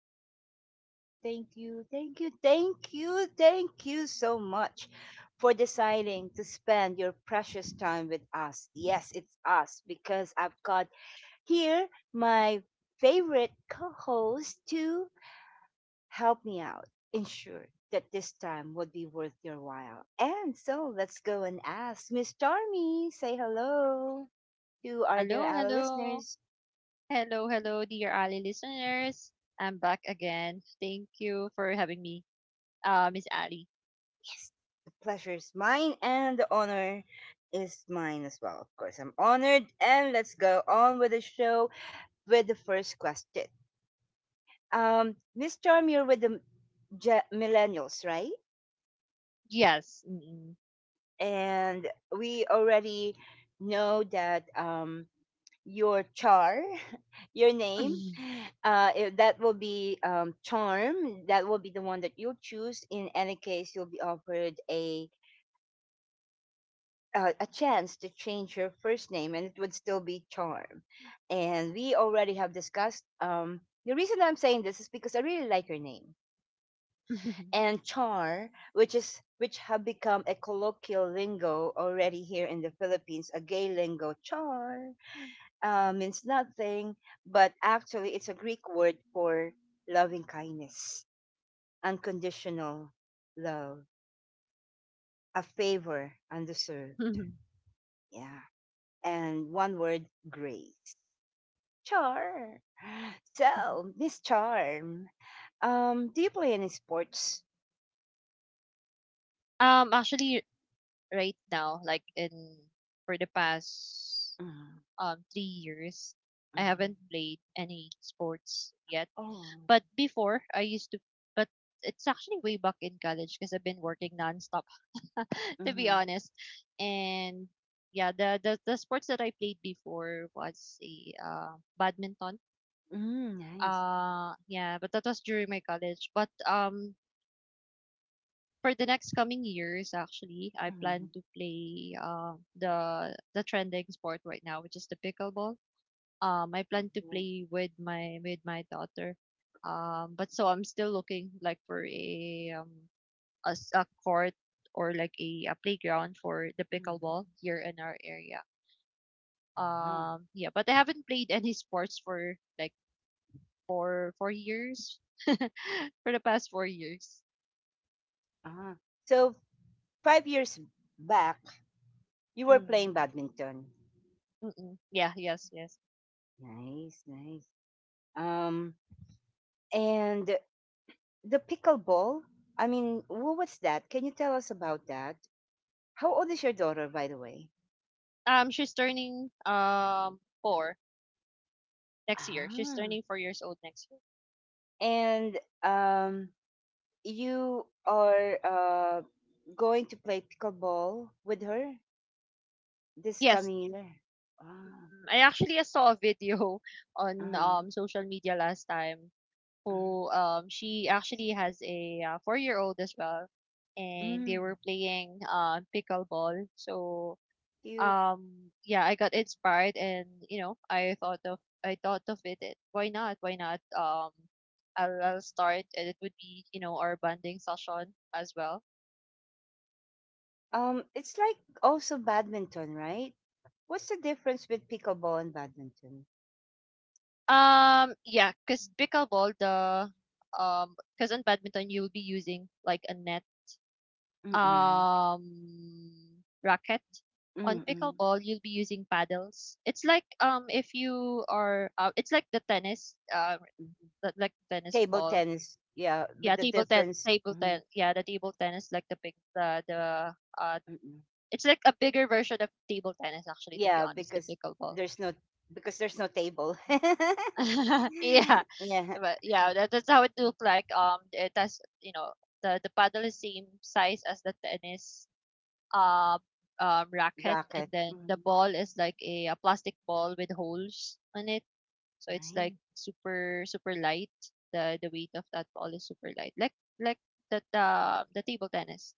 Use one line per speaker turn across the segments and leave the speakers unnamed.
Ali saying thank you, thank you, thank you, thank you so much for deciding to spend your precious time with us. Yes, it's us because I've got here my favorite co host to help me out, ensure that this time would be worth your while. And so let's go and ask Miss Tarmy, say hello to our dear
Hello,
Ali
hello.
listeners.
Hello, hello, dear Ali listeners. I'm back again. Thank you for having me, Miss Ali.
Yes. Pleasure is mine and the honor is mine as well. Of course, I'm honored and let's go on with the show with the first question. Miss Charm, you're with the millennials, right?
Yes.
And we already know that your your name, if that will be charm. That will be the one that you'll choose. In any case, you'll be offered a chance to change your first name and it would still be charm, and we already have discussed the reason I'm saying this is because I really like your name,
Mm.
and char, which have become a colloquial lingo already here in the Philippines, a gay lingo. Char means nothing, but actually it's a Greek word for loving kindness, unconditional love, a favor undeserved, yeah, and one word, grace. Char. So, Miss Charm, do you play any sports?
Actually, right now, like in for the past
Mm,
3 years, I haven't
mm,
played any sports yet.
oh,
But before, I used to. But it's actually way back in college because I've been working nonstop to be
mm,
honest. And yeah, the sports that I played before was a badminton.
nice.
Yeah, but that was during my college. But for the next coming years actually, I plan
Mm,
to play the trending sport right now, which is the pickleball. I plan to
mm,
play with my daughter. But so I'm still looking like for a as a court or like a playground for the
mm.
pickleball here in our area.
Wow.
Yeah, but I haven't played any sports for like four years, for the past 4 years.
Ah. So, 5 years back, you were playing
Mm.
badminton.
Mm-mm. Yeah, yes, yes.
Nice, nice. Um, and the pickleball, I mean, what was that? Can you tell us about that? How old is your daughter, by the way?
She's turning four next year. She's
Ah.
turning 4 years old next year.
And you are going to play pickleball with her this
Yes,
coming year. Ah,
I actually saw a video on
uh-huh.
social media last time
mm
who she actually has a 4 year old as well and they
Mm,
were playing pickleball. So
cute.
yeah, I got inspired and you know I thought of why not? Why not? I'll start and it would be you know our bonding session as well.
It's like also badminton, right? What's the difference with pickleball and badminton?
Yeah, because pickleball, the because in badminton you'll be using like a net
Mm-mm.
um racket. On
Mm-mm.
pickleball, you'll be using paddles. It's like if you are it's like the
mm-mm.
like tennis
Table
ball.
tennis, yeah, but
Yeah,
the difference,
table
mm,
ten yeah, the table tennis, like the big the uh
Mm-mm.
it's like a bigger version of table tennis actually, to be
Yeah,
honest, the pickleball.
there's no because there's no table.
Yeah.
Yeah,
But yeah, that's how it looked like. It has you know the paddle is same size as the tennis uh, racket, and
racket.
then the
Mm-hmm.
ball is like a plastic ball with holes on it. So it's like super super light. The weight of that ball is super light, like like the table tennis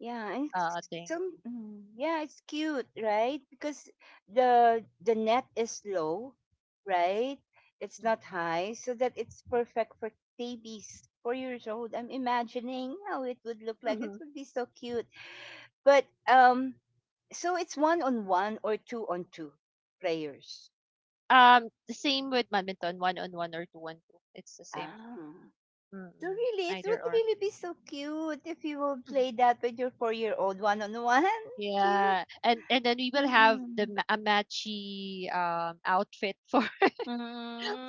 Yeah, and
thing.
some yeah, it's cute, right? Because the net is low, right? It's not
Mm.
high, so that it's perfect for babies 4 years old. I'm imagining how it would look like. It
Mhm.
would be so cute. But so it's one on one or two on two players.
The same with badminton, one on one or two on two. It's the same,
Ah, so
Mm-mm,
really, it
either
would
or.
really be so cute if you will
Mhm.
play that with your 4 year old, one on one. Cute.
Yeah, and then we will have the
Mm-mm.
a matchy outfit for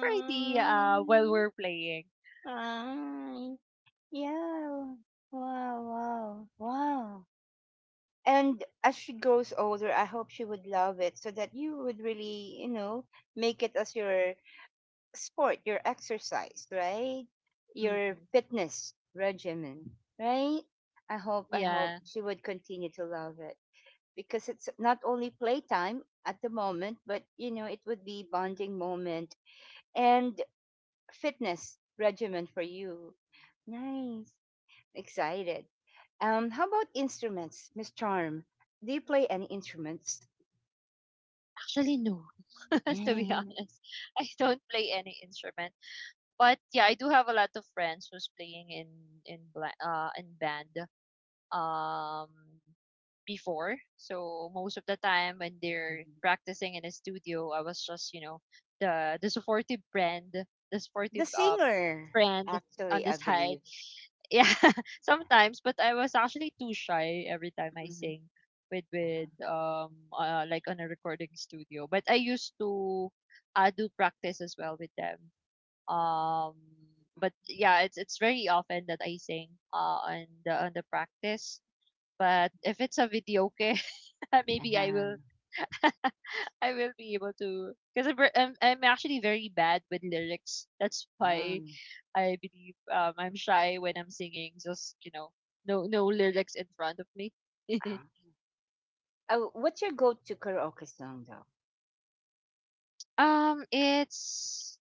for the while we're playing.
I, yeah. Wow, wow, wow. And as she grows older, I hope she would love it so that you would really, you know, make it as your sport, your exercise, right? Your fitness regimen, right? I hope
Yeah.
she would continue to love it because it's not only playtime at the moment, but, you know, it would be bonding moment. And fitness regimen for you. Nice. Excited. How about instruments, Miss Charm? Do you play any instruments?
Actually, no. To be
The
honest, I don't play any instrument. But yeah, I do have a lot of friends who's playing in in band um before. So most of the time when they're practicing in a studio, I was just you know the supportive friend, the supportive
singer,
friend on
actually,
the
I
side.
believe.
Yeah, sometimes, but I was actually too shy every time I sing with like on a recording studio. But I used to do practice as well with them. Um, but yeah, it's very often that I sing on the practice. But if it's a video, okay,
Mhm.
maybe I
Uh-huh.
will be able to because I'm actually very bad with lyrics. That's why
Um,
I believe I'm shy when I'm singing. Just you know, no lyrics in front of me.
uh, oh, what's your go-to karaoke song, though?
It's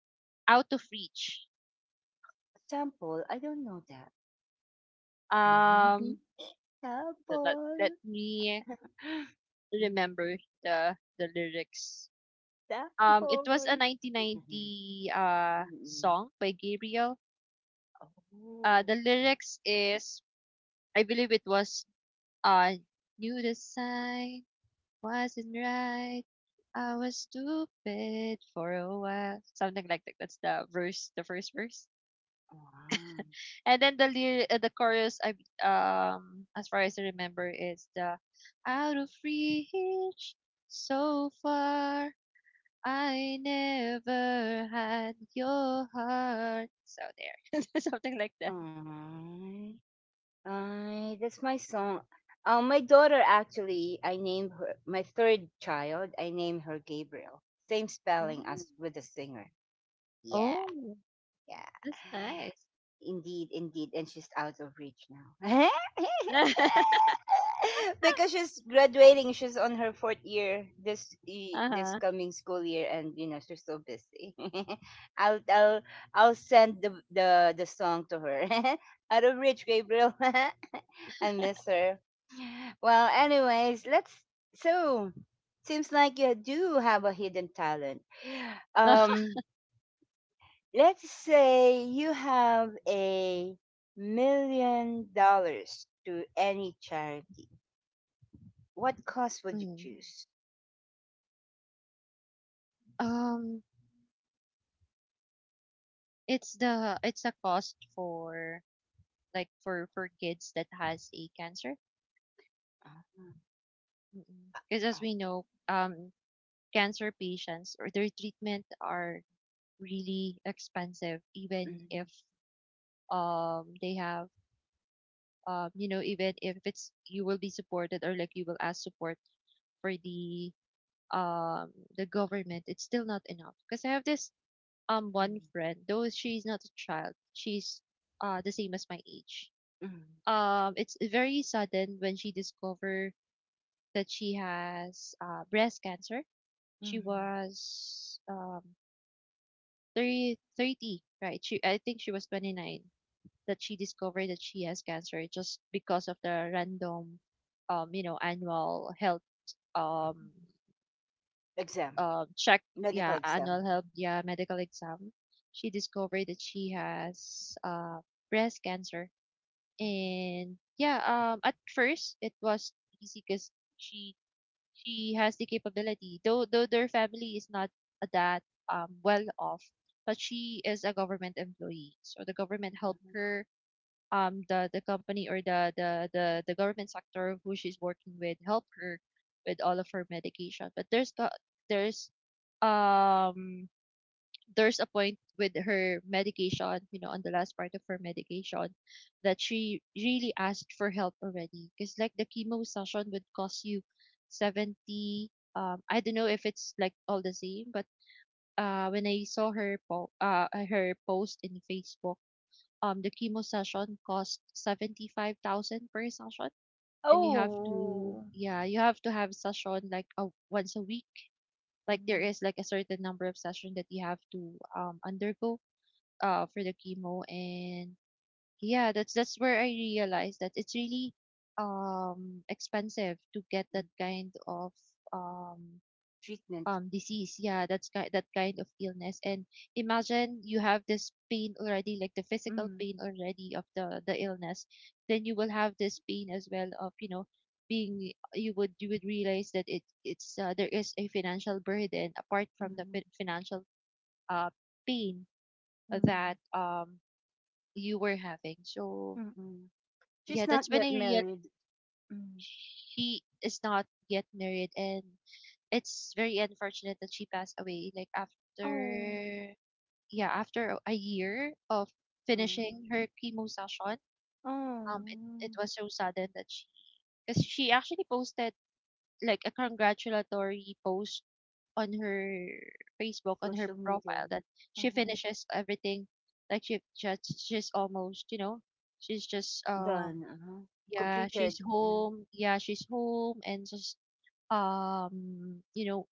Out of Reach.
Sample? I don't know that.
Um, let
Sample.
me remember the lyrics. It was a
Sample.
1990 song by Gabriel.
Oh,
The lyrics is I believe it was uh knew the sign wasn't right. I was stupid for a while. Something like that. That's the verse, the first verse.
wow.
And then the the chorus, I as far as I remember, is the out of reach, so far. I never had your heart. So there, something like that.
Aw. Ay, that's my song. My daughter actually, I named her my third child. I named her Gabriel. Same spelling
Mm.
as with the singer. Yeah,
Oh,
yeah.
that's nice.
Indeed, indeed. And she's out of reach now. Because she's graduating. She's on her fourth year
Uh
this
huh.
coming school year, and you know she's so busy. I'll I'll I'll send the song to her. Out of reach, Gabriel. I miss her. Well, anyways, let's. So seems like you do have a hidden talent. Um, Let's say you have $1 million to any charity. What cause would you
Mhm.
choose?
Um, it's the it's a cost for for kids that has a cancer. Because as we know, cancer patients or their treatment are really expensive, even if they have you know, even if it's you will be supported or like you will ask support for um the government, it's still not enough. Because I have this one friend, though she's not a child, she's the same as my age. It's very sudden when she discovered that she has breast cancer. She was um 30, thirty, right? She i think she was 29 that she discovered that she has cancer, just because of the random you know annual health um
Exam,
check. Yeah
medical
Annual
exam.
health, yeah, medical exam. She discovered that she has breast cancer. And yeah, at first it was easy because she has the capability, though their family is not that well off, but she is a government employee. So the government helped her. The company or the the government sector who she's working with help her with all of her medication. But there's got there's um there's a point with her medication, you know, on the last part of her medication, that she really asked for help already. Because like the chemo session would cost you 70. I don't know if it's like all the same, but when I saw her her post in Facebook, the chemo session cost 75,000 per session, and you have to,
Oh,
yeah, you have to have session like once a week. Like there is like a certain number of session that you have to undergo for the chemo. And yeah, that's where I realized that it's really expensive to get that kind of um
treatment.
disease yeah that's ki- that kind of illness. And imagine you have this pain already, like the physical pain already of the illness, then you will have this pain as well of you know being you would realize that it it's there is a financial burden apart from the financial uh pain that you were having. So
She's
yeah, that's
not
when I
yet
realized
married.
she is not yet married, and it's very unfortunate that she passed away. Like
Oh,
after yeah, after a year of finishing her chemo session, um, it, it
oh,
was so sudden that she, because she actually posted like a congratulatory post on her Facebook, on her
social media.
profile, that she
Uh-huh.
finishes everything, like she's almost you know she's just um.
Done, uh-huh.
Yeah, she's
Completed. Yeah.
home. Yeah, she's home and just you know,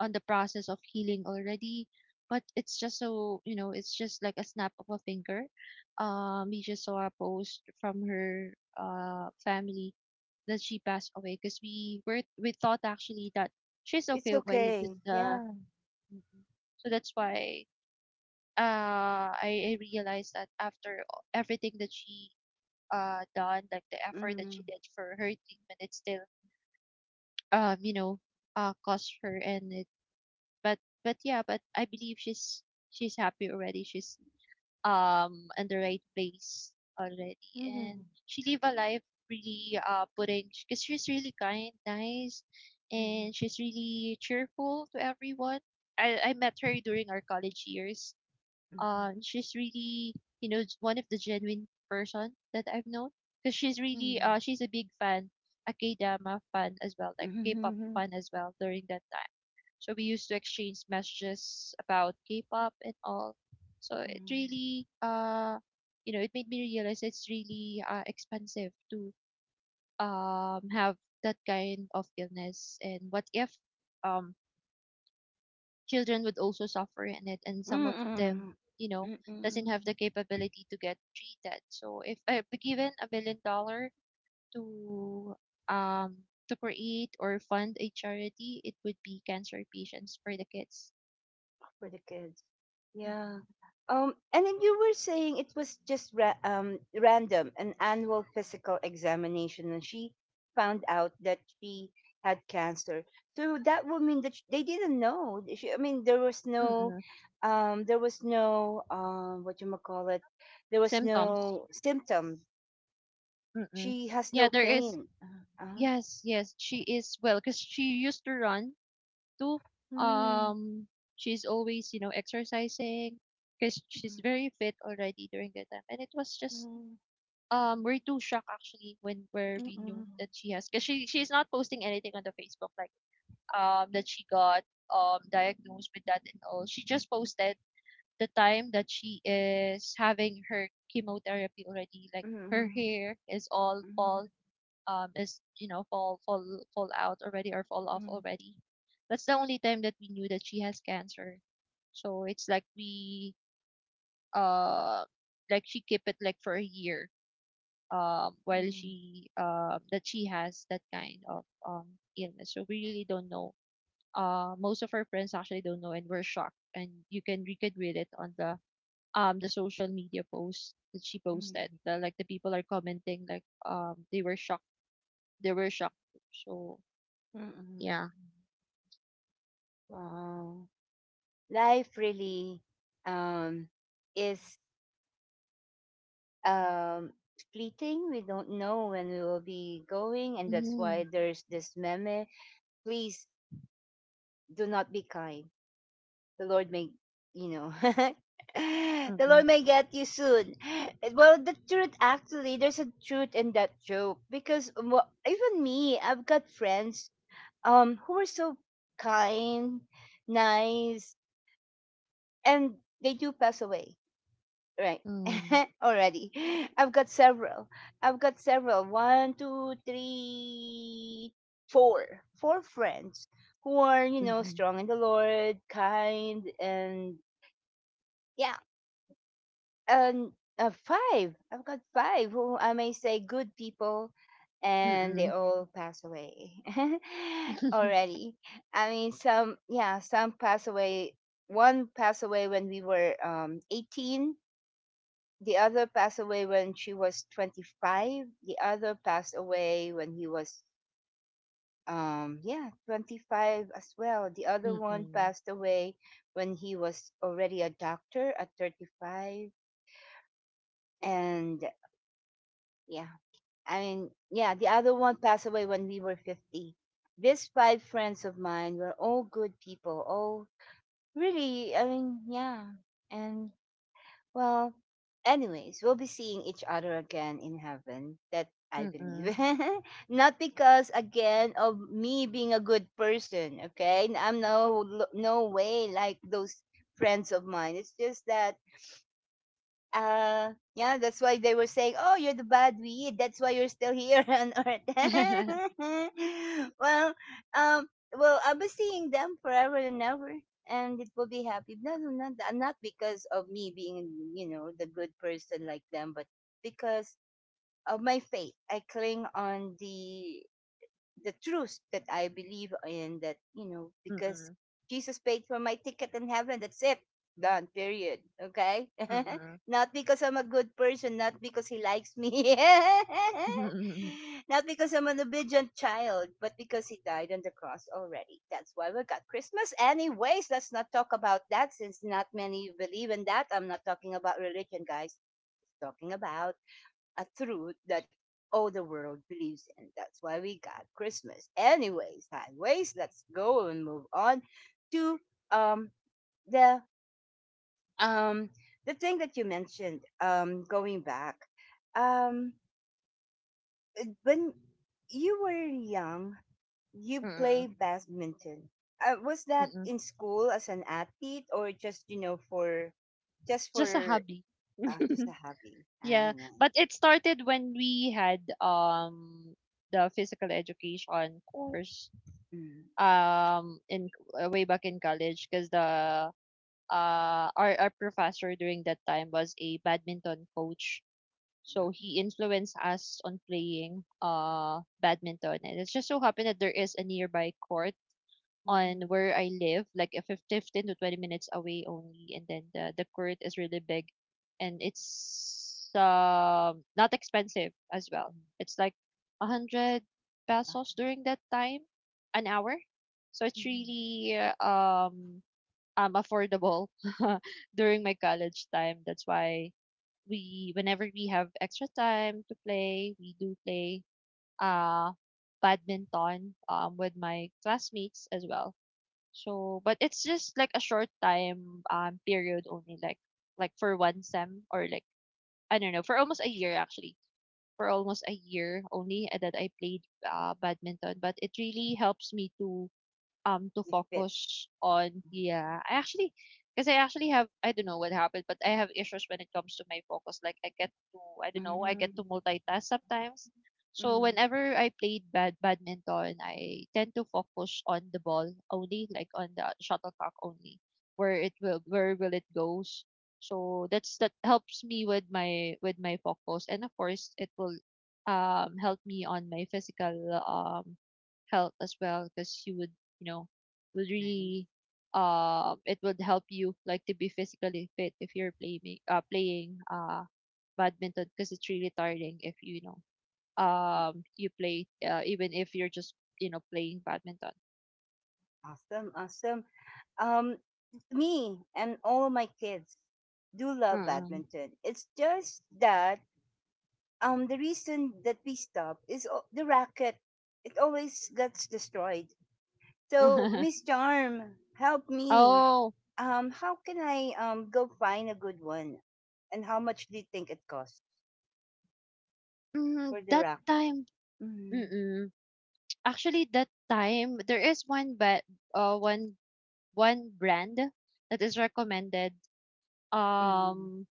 on the process of healing already. But it's just so, you know, it's just like a snap of a finger. We just saw a post from her family that she passed away, because we thought actually that she's
It's
okay already because
okay.
the
Yeah.
Mhm. So that's why I realized that after everything that she done, like the effort that
Mm.
she did for her treatment, it's still you know, cost her and it. But but yeah, but I believe she's happy already. She's in the right place already, and
Mhm.
she live a life really putting, because she's really kind, nice,
Mhm.
and she's really cheerful to everyone. I met her during our college years,
Mhm.
she's really you know one of the genuine person that I've known, because she's really
Mhm.
she's a big fan, a K-drama fan as well, like K-pop
Mhm.
fan as well during that time. So we used to exchange messages about K-pop and all. So it
Mhm.
really you know it made me realize it's really expensive to have that kind of illness. And what if um children would also suffer in it, and some of them
Mhm.
you know
Mhm.
doesn't have
Mhm.
the capability to get treated? So if I'd be given 1 million dollar to um to create or fund a charity, it would be cancer patients for the kids.
For the kids. Yeah.
Mm-mm.
And then you were saying it was just random, an annual physical examination, and she found out that she had cancer. So that would mean that sh they didn't know. She, I mean,
Mm-mm.
there was no, what you call it, there was
Symptoms.
no symptom.
Mm-mm.
She has
Yeah,
no
there is.
pain. Uh, uh,
Yes, yes, she is well because she used to run too.
mm,
um she's always you know exercising because she's
mm,
very fit already during that time. And it was just
mm,
we're too shocked actually when where we knew that
mm,
she has, because she's not posting anything on the Facebook like that she got diagnosed with that and all. She just posted the time that she is having her chemotherapy already. Like
mm,
her
mm,
hair is all fall
mm,
is you know fall out already, or fall off
mm, mm,
already. That's the only time that we knew that she has cancer. So it's like we uh like she kept it like for a year, while
mm,
she that she has that kind of illness, so we really don't know. Most of her friends actually don't know and were shocked, and you could read it on the social media post that she posted,
mm.
like the people are commenting, like they were shocked, they were shocked so
Mm-mm.
yeah.
Wow. Life really um, is um, fleeting. We don't know when we will be going, and that's
Mm-hmm.
why there's this meme. Please do not be kind. The Lord may, you know, the Lord
Mm-mm.
may get you soon. Eh, well, the truth actually, there's a truth in that joke because well, even me, I've got friends who are so kind, nice, and they do pass away right
Mm.
already. I've got several i've got several 1 2 3 4 4 friends who are, you know,
Mm-mm.
strong in the Lord, kind, and yeah. And five, I've got five who I may say good people, and they
Mm-mm.
all pass away already. I mean, some, yeah, some pass away. One passed away when we were 18. The other passed away when she was 25. The other passed away when he was yeah 25 as well. The other one
Mm-mm.
passed away when he was already a doctor at 35. And yeah, I mean, yeah, the other one passed away when we were 50. These five friends of mine were all good people, all, really, I mean, yeah. And well, anyways, we'll be seeing each other again in heaven. That I believe.
Mm-mm.
Not because again of me being a good person, okay? I'm no, no way like those friends of mine. It's just that yeah, that's why they were saying, "Oh, you're the bad weed. That's why you're still here on Earth." Well, um, well, I'll be seeing them forever and ever, and it will be happy. No, no, not not because of me being, you know, the good person like them, but because of my faith. I cling on the truth that I believe in that, you know, because
Mm-mm.
Jesus paid for my ticket in heaven. That's it. Done. Period. Okay?
Mm-mm.
Not because I'm a good person, not because he likes me,
Mm-mm.
not because I'm an obedient child, but because he died on the cross already. That's why we got Christmas. Anyways, let's not talk about that since not many believe in that. I'm not talking about religion, guys. Just talking about a truth that all the world believes in. That's why we got Christmas. Anyways, highways, let's go and move on to um the um the thing that you mentioned, going back, um when you were young, you played badminton. Was that
Mm-mm.
in school as an athlete, or just you know,
Just a
for
hobby.
just a hobby? Ah,
Yeah,
yeah.
but it started when we had the physical education course
Mm,
in way back in college, because the our professor during that time was a badminton coach. So he influenced us on playing badminton, and it just so happened that there is a nearby court
mm, mm,
on where I live, like 15 to 20 minutes away only. And then the court is really big, and it's, not expensive as well.
mm.
It's like 100 pesos during that time, an hour. So it's
Mhm.
really affordable during my college time. That's why we, whenever we have extra time to play, we do play, uh, badminton, with my classmates as well. So, but it's just like a short time period only, like for one sem, or like, I don't know, for almost a year actually. For almost a year only, that I played, badminton, but it really helps me to, um, to
With pets.
focus on. Yeah, I actually because I actually have, I don't know what happened, but I have issues when it comes to my focus, like I get to, I don't know, I get
hmm
to multitask sometimes. So
Mm.
whenever I played badminton, I tend to focus on the ball only, like on the shuttlecock only, where it will, where will it goes. So that's, that helps me with my focus. And of course it will, um, help me on my physical, um, health as well, because you would, you know, would
Nice.
really, um, it would help you like to be physically fit if you're playing badminton, because it's really tiring if you, you know, um, you play, even if you're just, you know, playing badminton.
Awesome, awesome. Um, me and all my kids do love
Mm-mm.
badminton. It's just that the reason that we stop is the racket. It always gets destroyed. So Miss Charm, help me.
Oh,
How can I go find a good one? And how much do you think it costs
mm,
for the
that
racket?
time.
Mm-hmm.
Mm-mm. Actually, that time there is one, but uh one one brand that is recommended, um,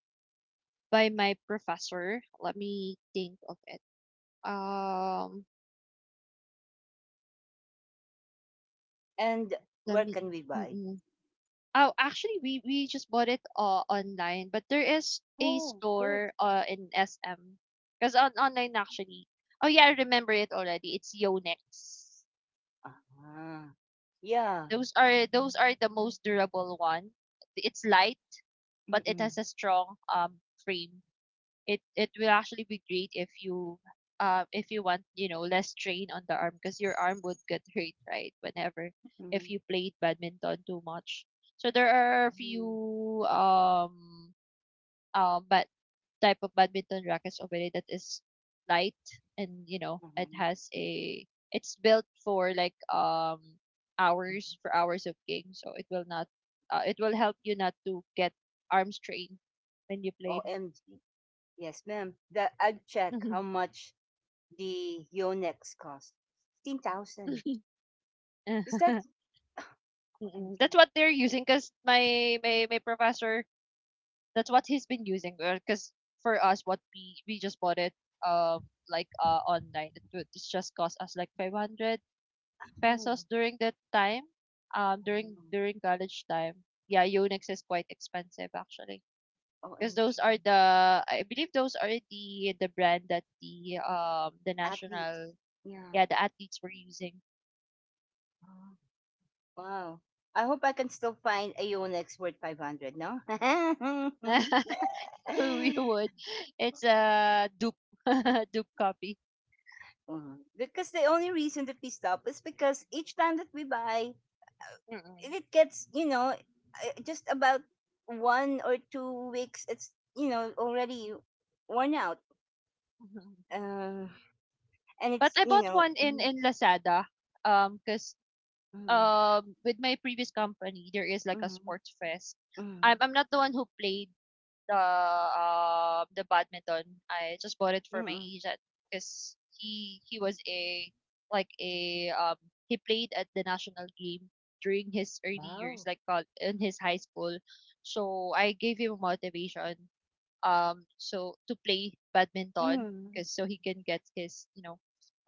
by my professor. Let me think of it. Um,
And
let
where
me,
can we buy?
mm. Oh, actually, we just bought it, online, but there is a
Oh, good.
store, in SM. Because on online actually, oh yeah, I remember it already. It's Yonex.
Ah, yeah.
Those are, those are the most durable one. It's light, but it
Mm-mm,
has a strong, frame. It will actually be great if you, uh, if you want, you know, less strain on the arm, because your arm would get hurt, right, whenever,
mm-mm,
if you played badminton too much. So there are a
mm-mm,
few, but type of badminton rackets already that is light, and you know, it
uh-huh.
has a, it's built for like, um, hours, for hours of game, so it will not, it will help you not to get arm strain when you play.
OMG. Yes, ma'am. That I'd check how much the Yonex cost. 15,000. Is that
Mm, that's
OMG?
what they're using, because my professor, that's what he's been using, because for us, what we just bought it, um, like, uh, online, it would, it's just cost us like 500
Oh,
pesos during that time, um,
oh,
during college time. Yeah, Yonex is quite expensive actually, because those
OMG.
are the, I believe those are the brand that the, um, the
Athletes.
national,
Yeah.
yeah, the athletes were using.
Oh, wow. I hope I can still find a Yonex worth 500, no?
We would, it's a dupe dupe copy.
Because the only reason that we stop is because each time that we buy,
Mm.
it gets, you know, just about 1 or 2 weeks, it's, you know, already worn out,
Mhm.
uh, and
But
it's,
I
you
bought
know,
one in Lazada, um, cuz,
mm,
um, with my previous company there is like a
mm,
sports fest. I'm
mm,
not the one who played the badminton. I just bought it for
mm,
my
mm.
agent, cuz he was a, like a, um, he played at the national game during his early years,
wow,
like in his high school. So I gave him motivation, um, so to play badminton,
mm,
because so he can get his, you know,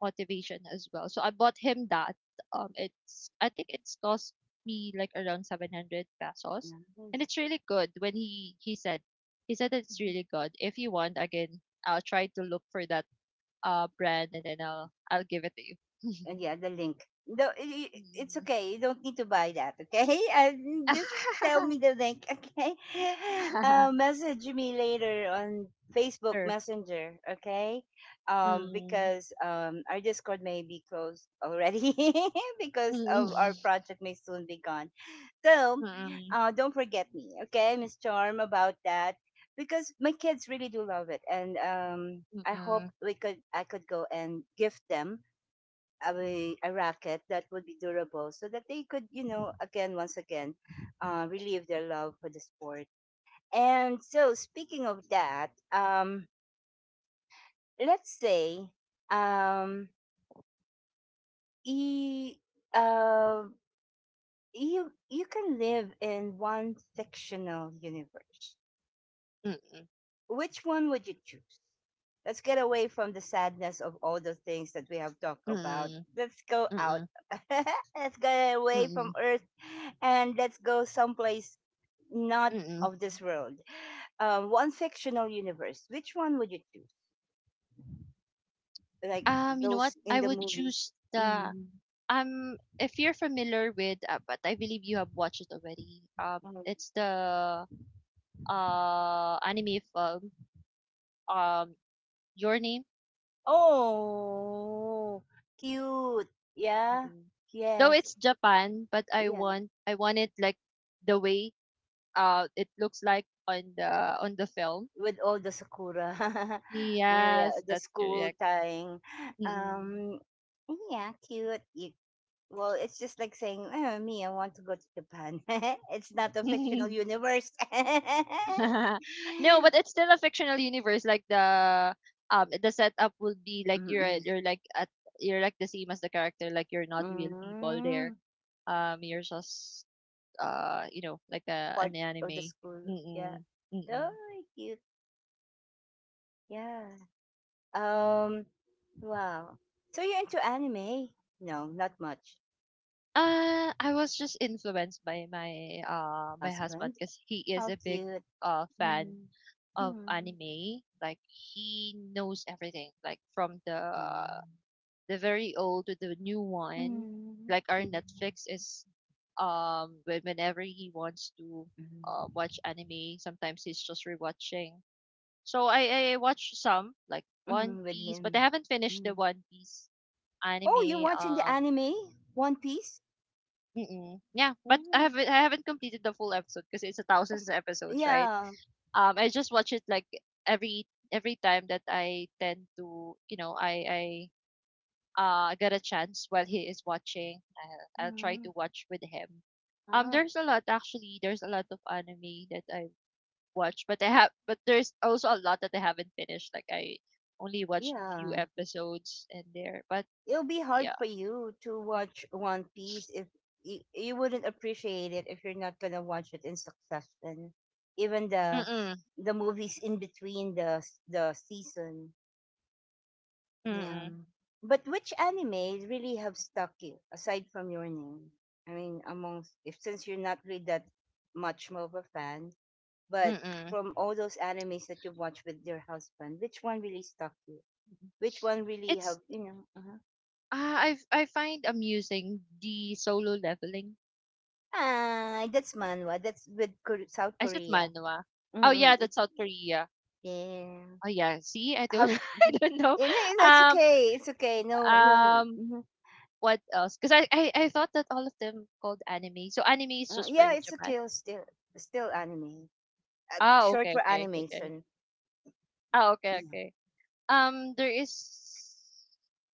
motivation as well. So I bought him that, um, it's, I think it's cost me like around 700 pesos, and
nice.
it's really good when he said, he said it's
Mm-hmm.
really good. If you want again, I'll try to look for that, brand, and then I'll give it to you.
Yeah, the link. No, it's
Mm.
okay. You don't need to buy that, okay? And just tell me the link, okay? Message me later on Facebook
Sure.
Messenger, okay?
Mm-mm.
Because our Discord may be closed already because
Mm-mm.
of our project may soon be gone. So,
Mm-mm.
don't forget me, okay, Miss Charm, about that because my kids really do love it, and I hope
Mm-mm.
we could, I could go and gift them a racket that would be durable so that they could, you know, again, once again, relieve their love for the sport. And so, speaking of that, let's say um, he, uh, you, you can live in one fictional universe, which one would you choose? Let's get away from the sadness of all the things that we have talked about.
Mm-mm.
Let's go out.
Mm-mm.
Let's get away from
Mm-mm.
Earth and let's go someplace not
Mm.
of this world. One fictional universe. Which one would you choose? Like
You know what?
those in
I
the
would
movies.
choose the,
Mm.
um, if you're familiar with, but I believe you have watched it already. Um,
Mm.
it's the, uh, anime film, um, Your Name.
Oh, cute. Yeah.
Mm-mm. Though
Yes.
it's Japan, but
Yeah.
I want it like the way, uh, it looks like on the, film.
With all the sakura, yeah,
Yes,
the
that's
school
correct.
tying.
Mm-mm.
Um, yeah, cute. Well, it's just like saying, oh, me, I want to go to Japan. It's not a fictional universe.
No, but it's still a fictional universe. Like the, um, the setup will be like
Mm-mm.
you're like at, you're like the same as the character. Like you're not real people there.
Mm.
You're just, uh, you know, like a,
Part
an
of the
anime.
school. Yeah.
Mm-mm, mm-mm.
Oh, cute. Yeah. Um. Wow. So you're into anime? No, not much.
I was just influenced by my, uh, my husband,
Husband?
because he is
How
a big,
cute.
uh, fan
Mm.
of
Mm.
anime. Like he knows everything, like from the
Hmm.
the very old to the new one.
Mm,
Like our
cute. Mhm.
Netflix is, um, whenever he wants to,
Mm, yeah.
watch anime, sometimes he's just rewatching. So I watch some, like
Mm,
One
with
Piece,
him.
but I haven't finished the
Mm.
One Piece
Oh, you're
anime.
watching the anime? One Piece?
Mm-mm. Yeah, but
Mm,
I haven't completed the full episode, because it's a thousands of episodes, right?
yeah.
I just watch it like every every time that I tend to, you know, I get a chance while he is watching. I'll try
Mm,
to watch with him, um,
ah,
there's a lot, actually, there's a lot of anime that I watch, but I have but there's also a lot that I haven't finished, like I only watched few
yeah.
episodes in there, but
It'll be hard
yeah,
for you to watch One Piece if you wouldn't appreciate it if you're not gonna watch it in succession. Even the
mm-mm,
the movies in between the the season. Yeah.
mm-mm,
But which anime really have stuck you aside from your name? I mean, amongst if since you're not really that much more of a fan, but
mm-mm.
from all those animes that you've watched with your husband, which one really stuck you? Which one really
It's,
have you know? Uh-huh.
I find amusing the Solo Leveling.
Ah, that's manhwa. That's with South
Is it
Korea.
manhwa? Oh
Mm-mm.
yeah, that's
It's
South Korea.
yeah.
Oh yeah, see, I don't,
Have
I
mhm.
don't know.
Yeah, no, no, it's
um
okay. It's okay. No, no.
um
Mhm.
What else? Because I thought that all of them called anime. So anime is just for
Yeah, it's
Japan.
okay. Still, still anime.
Ah,
Short
okay,
for
okay, okay, okay.
animation.
Ah, okay,
Yeah.
okay. There is,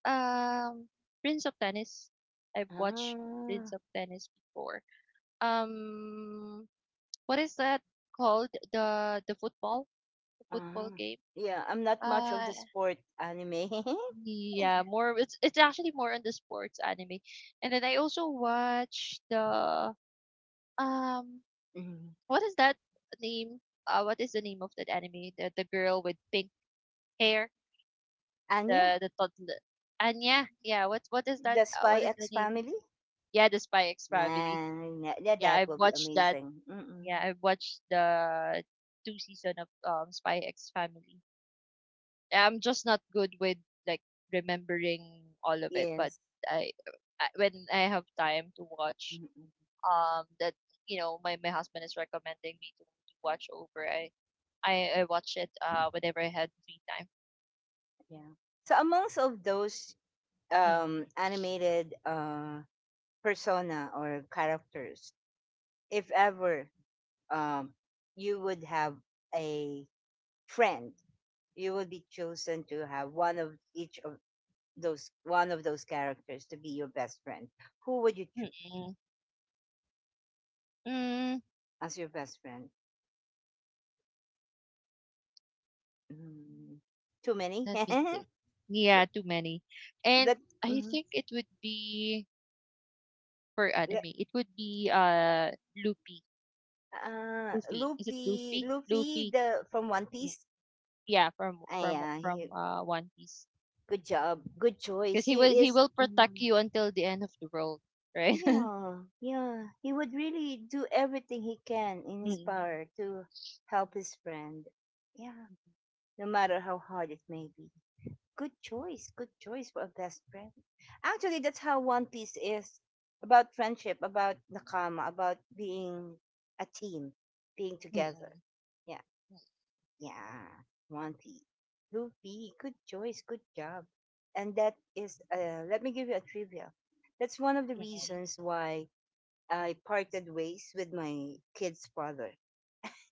um, Prince of Tennis. I've watched Prince
Ah,
of Tennis before. Um, what is that called? The football, the football
ah.
game.
Yeah, I'm not much of
Uh,
the sport anime.
yeah, more. It's actually more on the sports anime. And then I also watched the, um,
Mm-hmm.
what is that name? What is the name of that anime? The girl with pink hair,
Anya,
the toddler. Anya, yeah. What is that?
the Spy
What is the
X
name?
Family.
Yeah, the Spy X Family.
Man, yeah, yeah,
Yeah,
that
I've
will be
watched that.
amazing. Mm-mm.
Yeah, I've watched the two season of, um, Spy X Family. I'm just not good with, like, remembering all of it, but
Yes.
I, I, when I have time to watch,
Mm-mm.
um, that, you know, my husband is recommending me to watch over. I watch it, uh, whenever I had free time.
Yeah. So amongst of those
Mm,
animated persona or characters, if ever um, you would have a friend, you would be chosen to have one of those characters to be your best friend, who would you choose
mm-mm, mm, mm.
as your best friend? Mm, too many.
Let me think. Yeah, too many. And I
Mm,
think it would be, for
le-
anime, it would be, uh, Luffy. Luffy. Is it
Luffy,
Luffy?
Luffy,
Luffy.
the from One
Mm.
Piece.
Yeah, from
Ay, he
uh, One Piece.
good job, good
Because
choice. He
he
is.
will protect
Mm,
you until the end of the world, right?
yeah, yeah. He would really do everything he can in his
Mm-mm,
power to help his friend. Yeah, no matter how hard it may be. Good choice. Good choice for a best friend. Actually, that's how One Piece is about friendship, about nakama, about being a team, being
mm-mm,
together. Yeah. Yeah. One Piece. Luffy, good choice. Good job. And that is, let me give you a trivia. That's one of the
mm-mm,
reasons why I parted ways with my kid's father.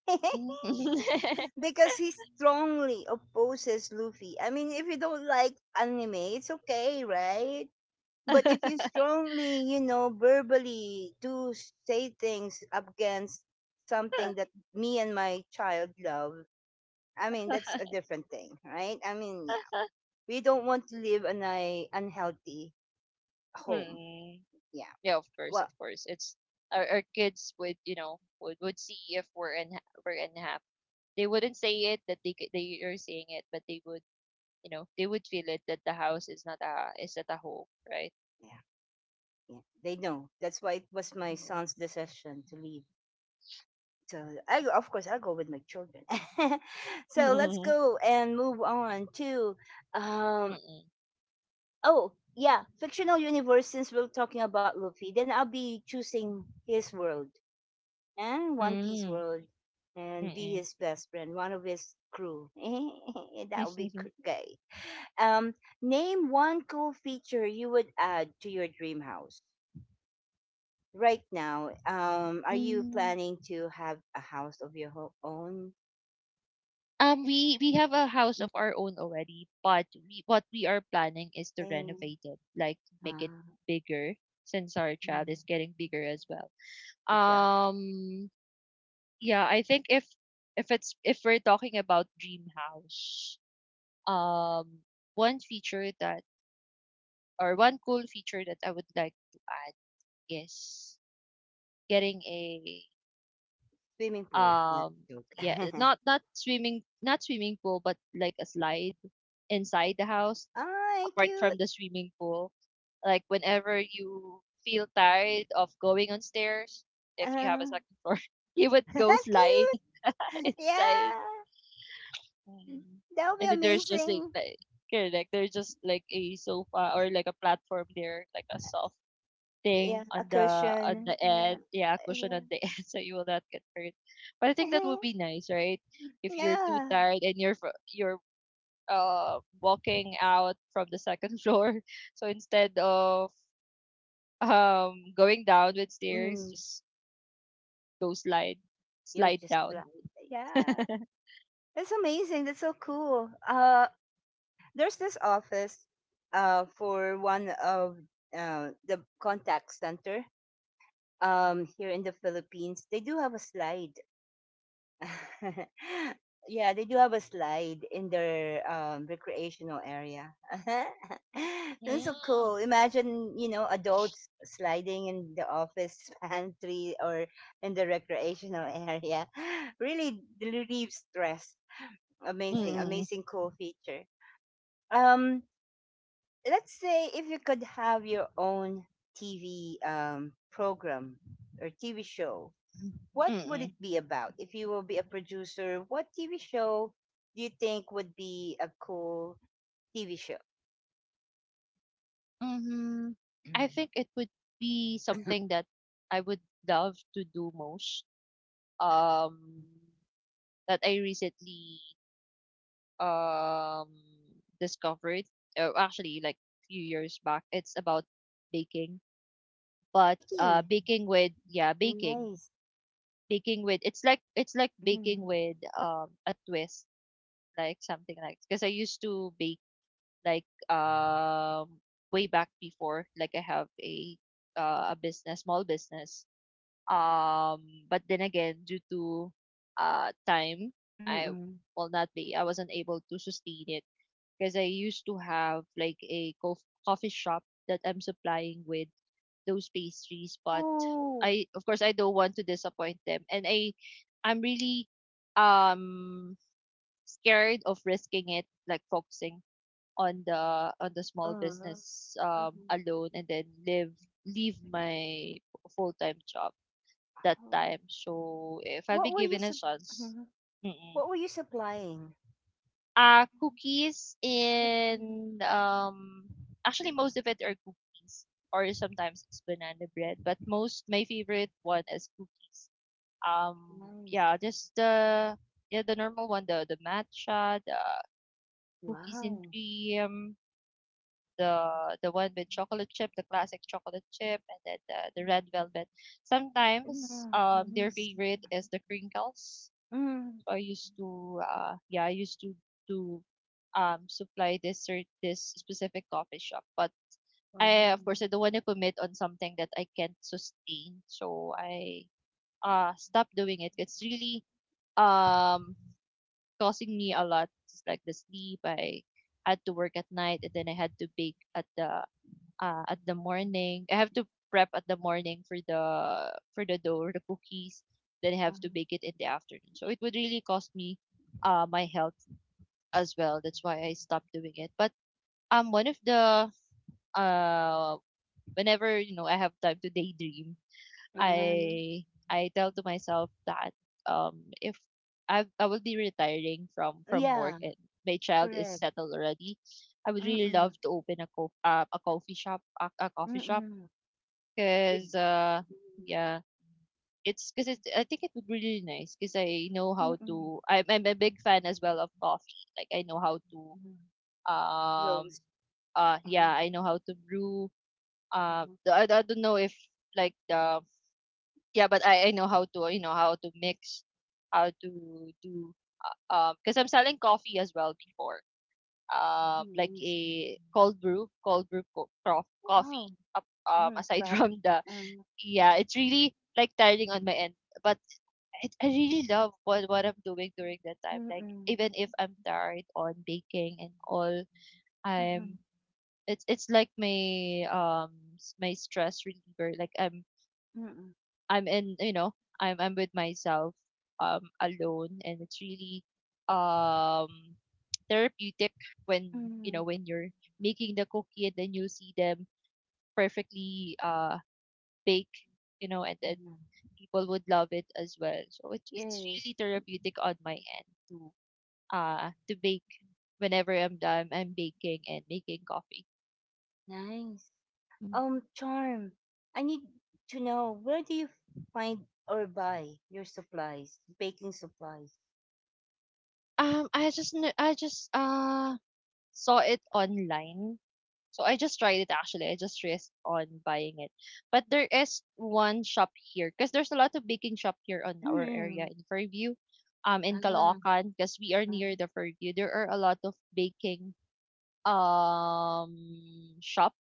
mm.
Because he strongly opposes Luffy. I mean, if you don't like anime, it's okay, right? But if you strongly, verbally do say things against something that me and my child love, I mean, that's a different thing, right? I mean, yeah, we don't want to live in a unhealthy home.
Mm.
Yeah.
Yeah, of course,
Well,
of course. It's, our kids would, you know, would see if we're unhappy. They wouldn't say it that they are saying it, but they would, you know, they would feel it that the house is not a, is not a home, right?
yeah, yeah, they know. That's why it was my
Mm.
son's decision to leave. So of course, I go with my children. So let's go and move on to um oh, yeah, fictional universe since we're talking about Luffy, then I'll be choosing his world and One Piece
Mm-mm. Mm.
world and be his best friend, one of his crew. That would be
Mm-mm.
gay. Um, Name one cool feature you would add to your dream house. Right now, are you
Mm.
planning to have a house of your own?
We have a house of our own already, but we, what we are planning is to
Yay.
renovate it, like make it
Uh,
bigger, since our child
mm,
is getting bigger as well.
Good job.
Um, yeah, I think if it's, if we're talking about dream house, um, one feature that, or one cool feature that I would like to add is getting a,
Swimming pool is
um,
a joke.
yeah, not, not swimming, not swimming pool, but like a slide inside the house,
All right,
apart from
cute.
the swimming pool. Like whenever you feel tired of going on stairs, if you have a
Uh,
second floor, you would go slide
Cute.
inside.
Yeah.
Mm.
That would
And
be
then there's just
amazing.
like correct, there's just like a sofa or like a platform there, like a soft
Yeah,
thing
a
on the, on
cushion.
the
Yeah.
end. Yeah, cushion on the end, so you will not get hurt. But I think that
Yeah.
would be nice, right? If you're too
Yeah.
tired and you're, uh, walking out from the second floor. So instead of, um, going down with stairs,
Mm,
just go slide,
you'll
slide
just
down.
slide. Yeah. That's amazing. That's so cool. There's this office for one of the contact center here in the Philippines. They do have a slide. Yeah, they do have a slide in their recreational area. That's so
Mm.
cool. Imagine, adults sliding in the office pantry or in the recreational area. Really relieves stress. Amazing,
Mm.
amazing, cool feature. Um, let's say if you could have your own TV program or TV show, what would
Mm.
it be about if you will be a producer? What TV show do you think would be a cool TV show?
Mhm. I
Mhm.
think it would be something that I would love to do most. Um, that I recently um discovered, actually like few years back. It's about baking, but
Baking.
baking with yeah, baking,
Nice.
baking with. It's like
Mm-hmm.
baking with a twist like something like because I used to bake like way back before like I have a business small business um but then again due to time I
Mm-mm.
will not be I wasn't able to sustain it because I used to have like a coffee shop that I'm supplying with those pastries but
Oh.
I of course I don't want to disappoint them and I'm really um scared of risking it like focusing on the
Uh,
small business
oh.
alone and then live leave my full-time job that time. So if I'll be
What were you
given a chance,
Mhm.
mm,
What were you supplying?
cookies
Oh,
and actually most of it are cookies or sometimes it's banana bread but most my favorite one is cookies. um
nice.
yeah just the yeah the normal one the matcha, the cookies and
Wow.
cream, the one with chocolate chip, the classic chocolate chip, and then the red velvet. Sometimes
Yeah,
their
nice.
favorite is the crinkles.
Mm.
So I used to yeah, I used to do supply this specific coffee shop. But I
Uh-huh.
of course I don't want to commit on something that I can't sustain. So I stopped doing it. It's really um causing me a lot just like the sleep. I had to work at night and then I had to bake at the morning. I have to prep at the morning for the dough or the cookies. Then I have to
Uh-huh.
bake it in the afternoon. So it would really cost me my health as well. That's why I stopped doing it. But one of the uh whenever I have time to daydream,
Uh-huh.
I I tell to myself that if I will be retiring from
Yeah,
work and my child is
correct.
settled already. I would really
Mm-mm.
love to open a a coffee shop a coffee shop.
Mm-mm. With.
'Cause, yeah, it's cause it's I think it would be really nice because I know how to. I'm a big fan as well of coffee. Like, I know how to,
Mm. Rose
um,
and
yeah, I know how to brew, the I don't know if, like, the yeah, but I know how to, you know, how to mix, how to do, because 'cause I'm selling coffee as well before, like
onions.
a cold brew co cof
Wow.
coffee, ap
Mm,
aside
love.
from the.
Um,
Yeah, it's really like tiring on my end, but I really love what I'm doing during that time. Like
mm-mm,
even if I'm tired on baking and all,
mm-mm,
I'm it's like my my stress reliever. Like
mm-mm,
I'm in, you know, I'm with myself alone, and it's really um therapeutic when, you
mm-mm.
know, when you're making the cookie and then you see them perfectly bake, you know, and then people would love it as well. So it's
Yes,
really therapeutic on my end to bake whenever I'm done. I'm baking and making coffee.
nice.
Mm.
Charm, I need to know where do you find or buy your supplies, baking supplies?
I just I just saw it online. So I just tried it actually. I just risked on buying it. But there is one shop here because there's a lot of baking shop here on our area
Mm-mm.
in Fairview, in
Ah,
Caloocan, because we are near
mm,
the Fairview. There are a lot of baking um shop.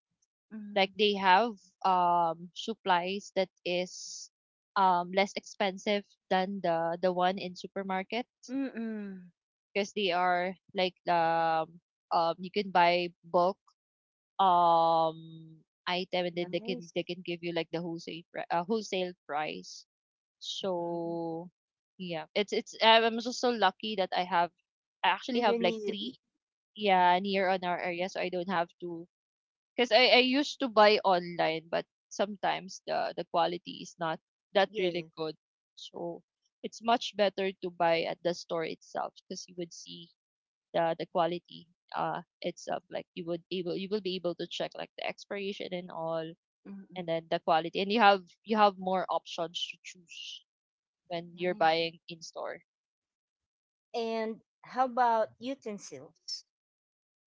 Like
mm,
they have supplies that is less expensive than the one in supermarket
mm-mm.
because they are like you can buy bulk um item and then
Nice.
they can give you like the wholesale price.
Mm.
So yeah, it's I'm just so lucky that I actually have
You
like
need,
three yeah near on our area, so I don't have to. Because I used to buy online, but sometimes the quality is not that
yes.
really good. So it's much better to buy at the store itself because you would see the quality itself. Like you will be able to check like the expiration and all and
Mm-mm.
then the quality. And you have more options to choose when you're
Nice.
buying in store.
And how about utensils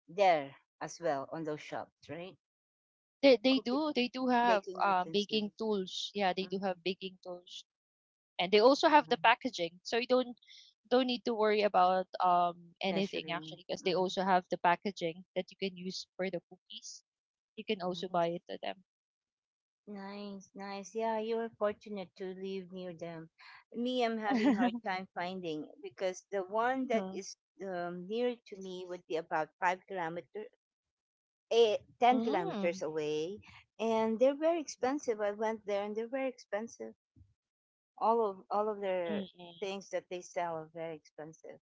there as well on those shops, right?
They
Cooking,
do have
baking
baking
utensils,
tools. Yeah, they do have
mm-hmm.
baking tools and they also have the packaging, so you don't need to worry about anything
Measuring.
actually, because they
Mm.
also have the packaging that you can use for the cookies. You can also buy
Nice,
it to them.
nice, nice. Yeah, you are fortunate to live near them. Me, I'm having hard time finding because the one that is near to me would be about 5 kilometers, 10 kilometers
Mm,
away, and they're very expensive. I went there and they're very expensive. All of the
mm,
things that they sell are very expensive.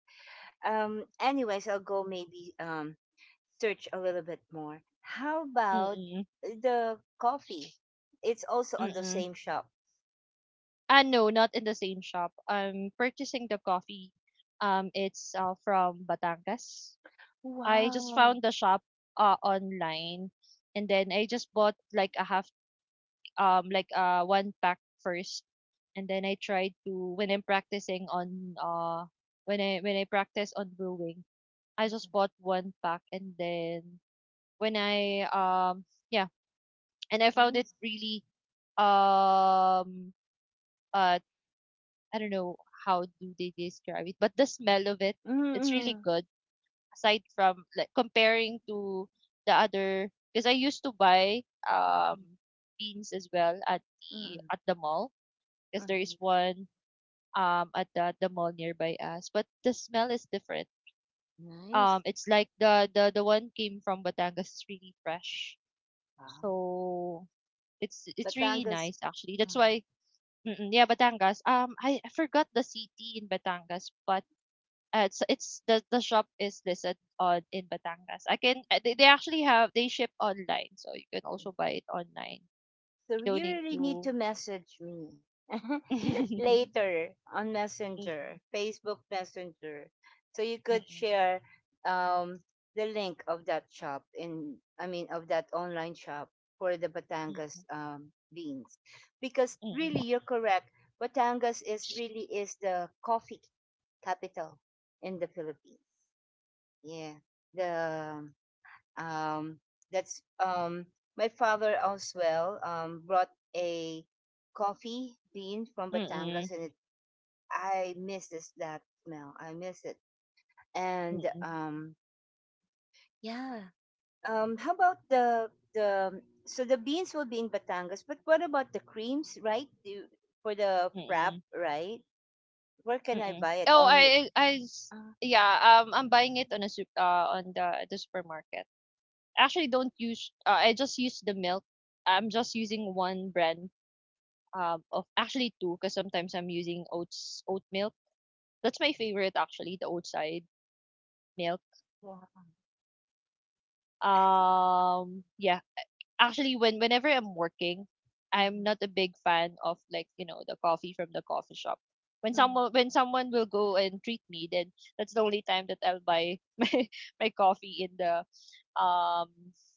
Anyways, I'll go maybe search a little bit more. How
mm,
about
mm,
the coffee? It's also on the
mm.
same shop.
Ah, no, not in the same shop. I'm purchasing the coffee. It's from Batangas. I just
Wow,
found the shop online, and then I just bought like a half like one pack first and then I try to when I'm practicing on when I practice on brewing, I just bought one pack, and then when I yeah, and I found it
nice.
really um uh I don't know how do they describe it, but the smell of it, it's really
Mm-mm.
good aside from like comparing to the other because I used to buy um beans as well at the
Mm-mm.
mall because there
Mm-mm.
is one at the mall nearby us, but the smell is different.
Nice.
It's like the one came from Batangas is really fresh.
Wow,
So it's really
Batangas.
nice actually, that's
Yeah.
why. Mm-mm, yeah, Batangas. I forgot the city in Batangas, but it's the shop is listed on in Batangas. I can they actually have they ship online, so you can also buy it online.
So
You don't
you
need
really need
to.
to message me
Mm-mm,
later on Messenger, Facebook Messenger. So you could
mm-mm,
share um, the link of that shop in, I mean, of that online shop for the Batangas beans. Because really,
mm-mm,
you're correct. Batangas is really is the coffee capital in the Philippines. Yeah. The um, that's My father as well brought a coffee bean from
mm-mm,
Batangas,
mm-mm,
and I miss this that smell. I miss it. And
mm-mm.
Yeah. How about the beans will be in Batangas, but what about the creams, right? Do for the frap, right? Where can I
Mm.
buy it?
Oh,
Only.
I s
Uh,
Yeah, I'm buying it on a sup on the supermarket. Actually, don't use I just use the milk. I'm just using one brand of actually two, because sometimes I'm using oat milk. That's my favorite actually, the oat side milk.
yeah. Okay.
Yeah. Actually, when whenever I'm working, I'm
Mhm.
not a big fan of, like, you know, the coffee from the coffee shop. When
Mhm.
someone, will go and treat me, then that's the only time that I'll buy my coffee in the um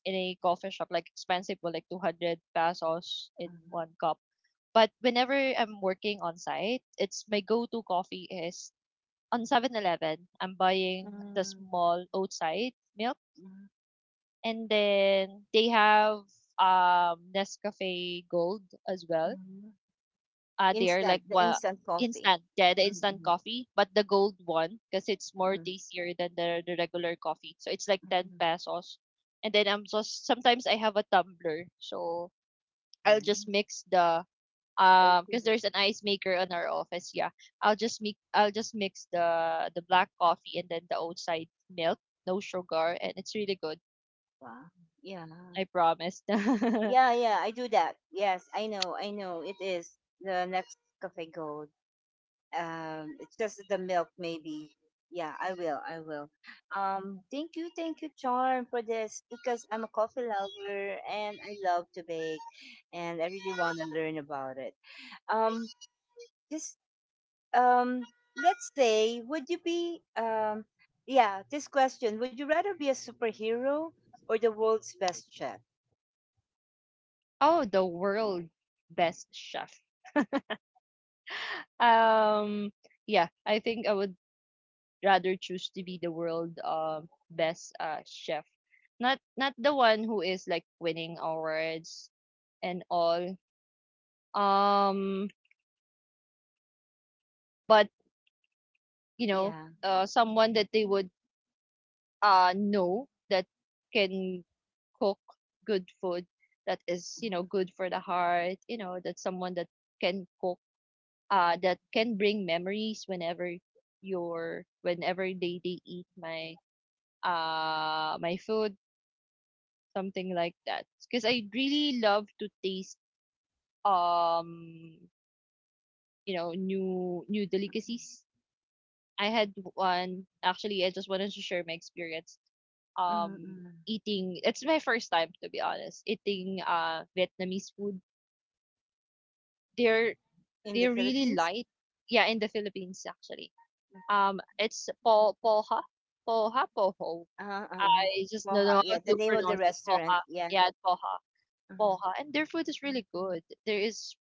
in a coffee shop, like expensive for like 200 pesos in
Mhm.
one cup. But whenever I'm working on site, it's my go-to coffee is on 7-Eleven. I'm buying the
Mhm.
small outside milk
Mhm.
and then they have Nescafe Gold as well.
Mhm.
They are like
Instant, the
what,
instant coffee.
instant. Yeah, the instant
Mm-hmm.
coffee, but the gold one because it's more tastier than the regular coffee. So it's like 10
Mm-hmm.
pesos. And then I'm just sometimes I have a tumbler. So I'll just
Nice.
mix the
Okay.
because there's an ice maker on our office, yeah. I'll just mix the black coffee and then the outside milk, no sugar, and it's really good.
Wow. Yeah.
I promise.
Yeah, yeah, I do that. Yes, I know, I know. It is the next cafe gold. It's just the milk, maybe. Yeah, I will, I will. Thank you, thank you, Charm, for this because I'm a coffee lover and I love to bake and I really want to learn about it. Um, just um let's say, would you be yeah this question, would you rather be a superhero or the world's best chef?
Oh, the world best chef. Um, yeah, I think I would rather choose to be the world best chef. Not not the one who is like winning awards and all. Um, but you know,
Yeah.
someone that they would know that can cook good food that is, you know, good for the heart. You know that someone that can cook that can bring memories whenever your whenever they eat my my food, something like that. Because I really love to taste um you know, new delicacies. I had one actually, I just wanted to share my experience um
Mm-mm.
eating. It's my first time to be honest eating Vietnamese food. they're
In the
they're really
Philippines.
light, yeah, in the Philippines actually. It's po poha, poha, poho.
uh, uh,
I just don't
Moha,
know how
yeah, the
to
name of the
pronounce it.
restaurant,
Poha,
yeah.
yeah, poha,
Mhm.
poha. And their food is really good. There is,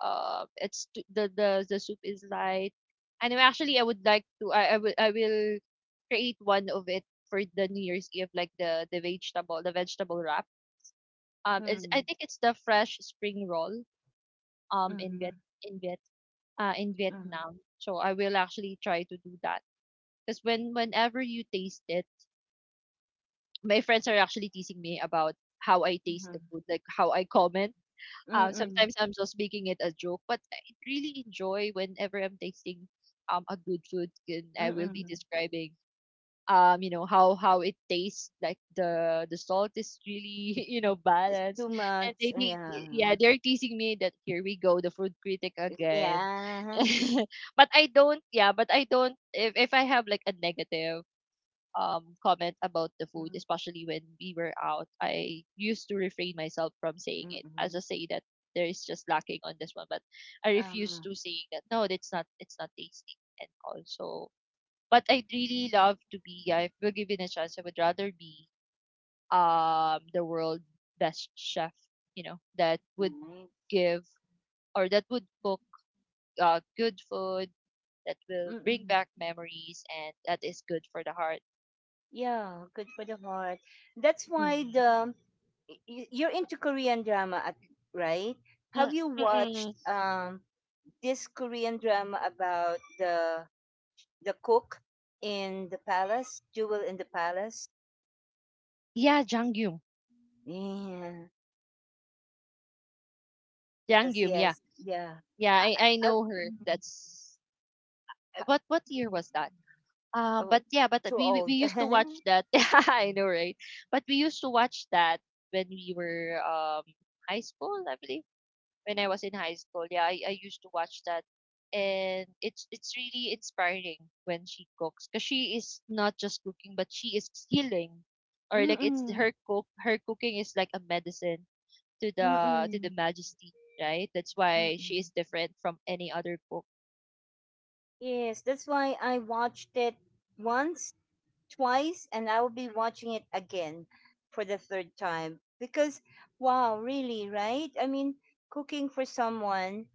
the the soup is light. And actually, I would like to. I will create one of it for the New Year's Eve, like the vegetable wrap. It's I
Hmm.
think it's the fresh spring roll. Um, in Viet
Mm.
in Viet in
Hmm.
Vietnam. So I will actually try to do that because whenever you taste it, my friends are actually teasing me about how I
Mm.
taste the
Hmm.
food, like how I comment.
Mm. Mm-mm.
Sometimes I'm just making it a joke, but I really enjoy whenever I'm tasting a good food, and I will be
Mm-mm.
describing how it tastes. Like the salt is really you know
It's
balanced.
too
And
much,
they
yeah.
Yeah, they're teasing me that here we go, the food critic again.
Yeah.
But I don't, if I have like a negative comment about the food,
Mm,
especially when we were out, I used to refrain myself from saying it.
mm,
I just
mm.
say that there is just lacking on this one, but I refuse
uh,
to say that no, it's not tasty, and also. But I'd really love to be. Yeah, if we're given a chance, I would rather be the world best chef. You know, that would
Nice.
give, or that would cook good food that will bring
Mm-mm.
back memories and that is good for the heart.
Yeah, good for the heart. That's why
Mm.
you're into Korean drama, right?
Mm,
Have you watched
mm-mm.
this Korean drama about the cook in the palace, Jewel in the Palace?
Yeah, Jang Gyum.
Yeah.
Jang
Yes,
Gyum, yeah.
yes, yeah.
Yeah, I
I,
know her.
mm,
That's
ha-
what year
mm,
was that? Um
Oh,
but yeah, but
too
we we we
old.
used to watch that. Yeah, I know, right? But we used to watch that when we were high school, I believe. When I was in high school. Yeah, I used to watch that. And it's really inspiring when she cooks, because she is not just cooking, but she is healing. Or like it's
Mm-mm.
her cook her cooking is like a medicine to the
Mm-mm.
majesty, right? That's why she
Mm-mm.
is different from any other book.
Yes, that's why I watched it once twice and I will be watching it again for the third time because wow, really, right? I mean, cooking for someone,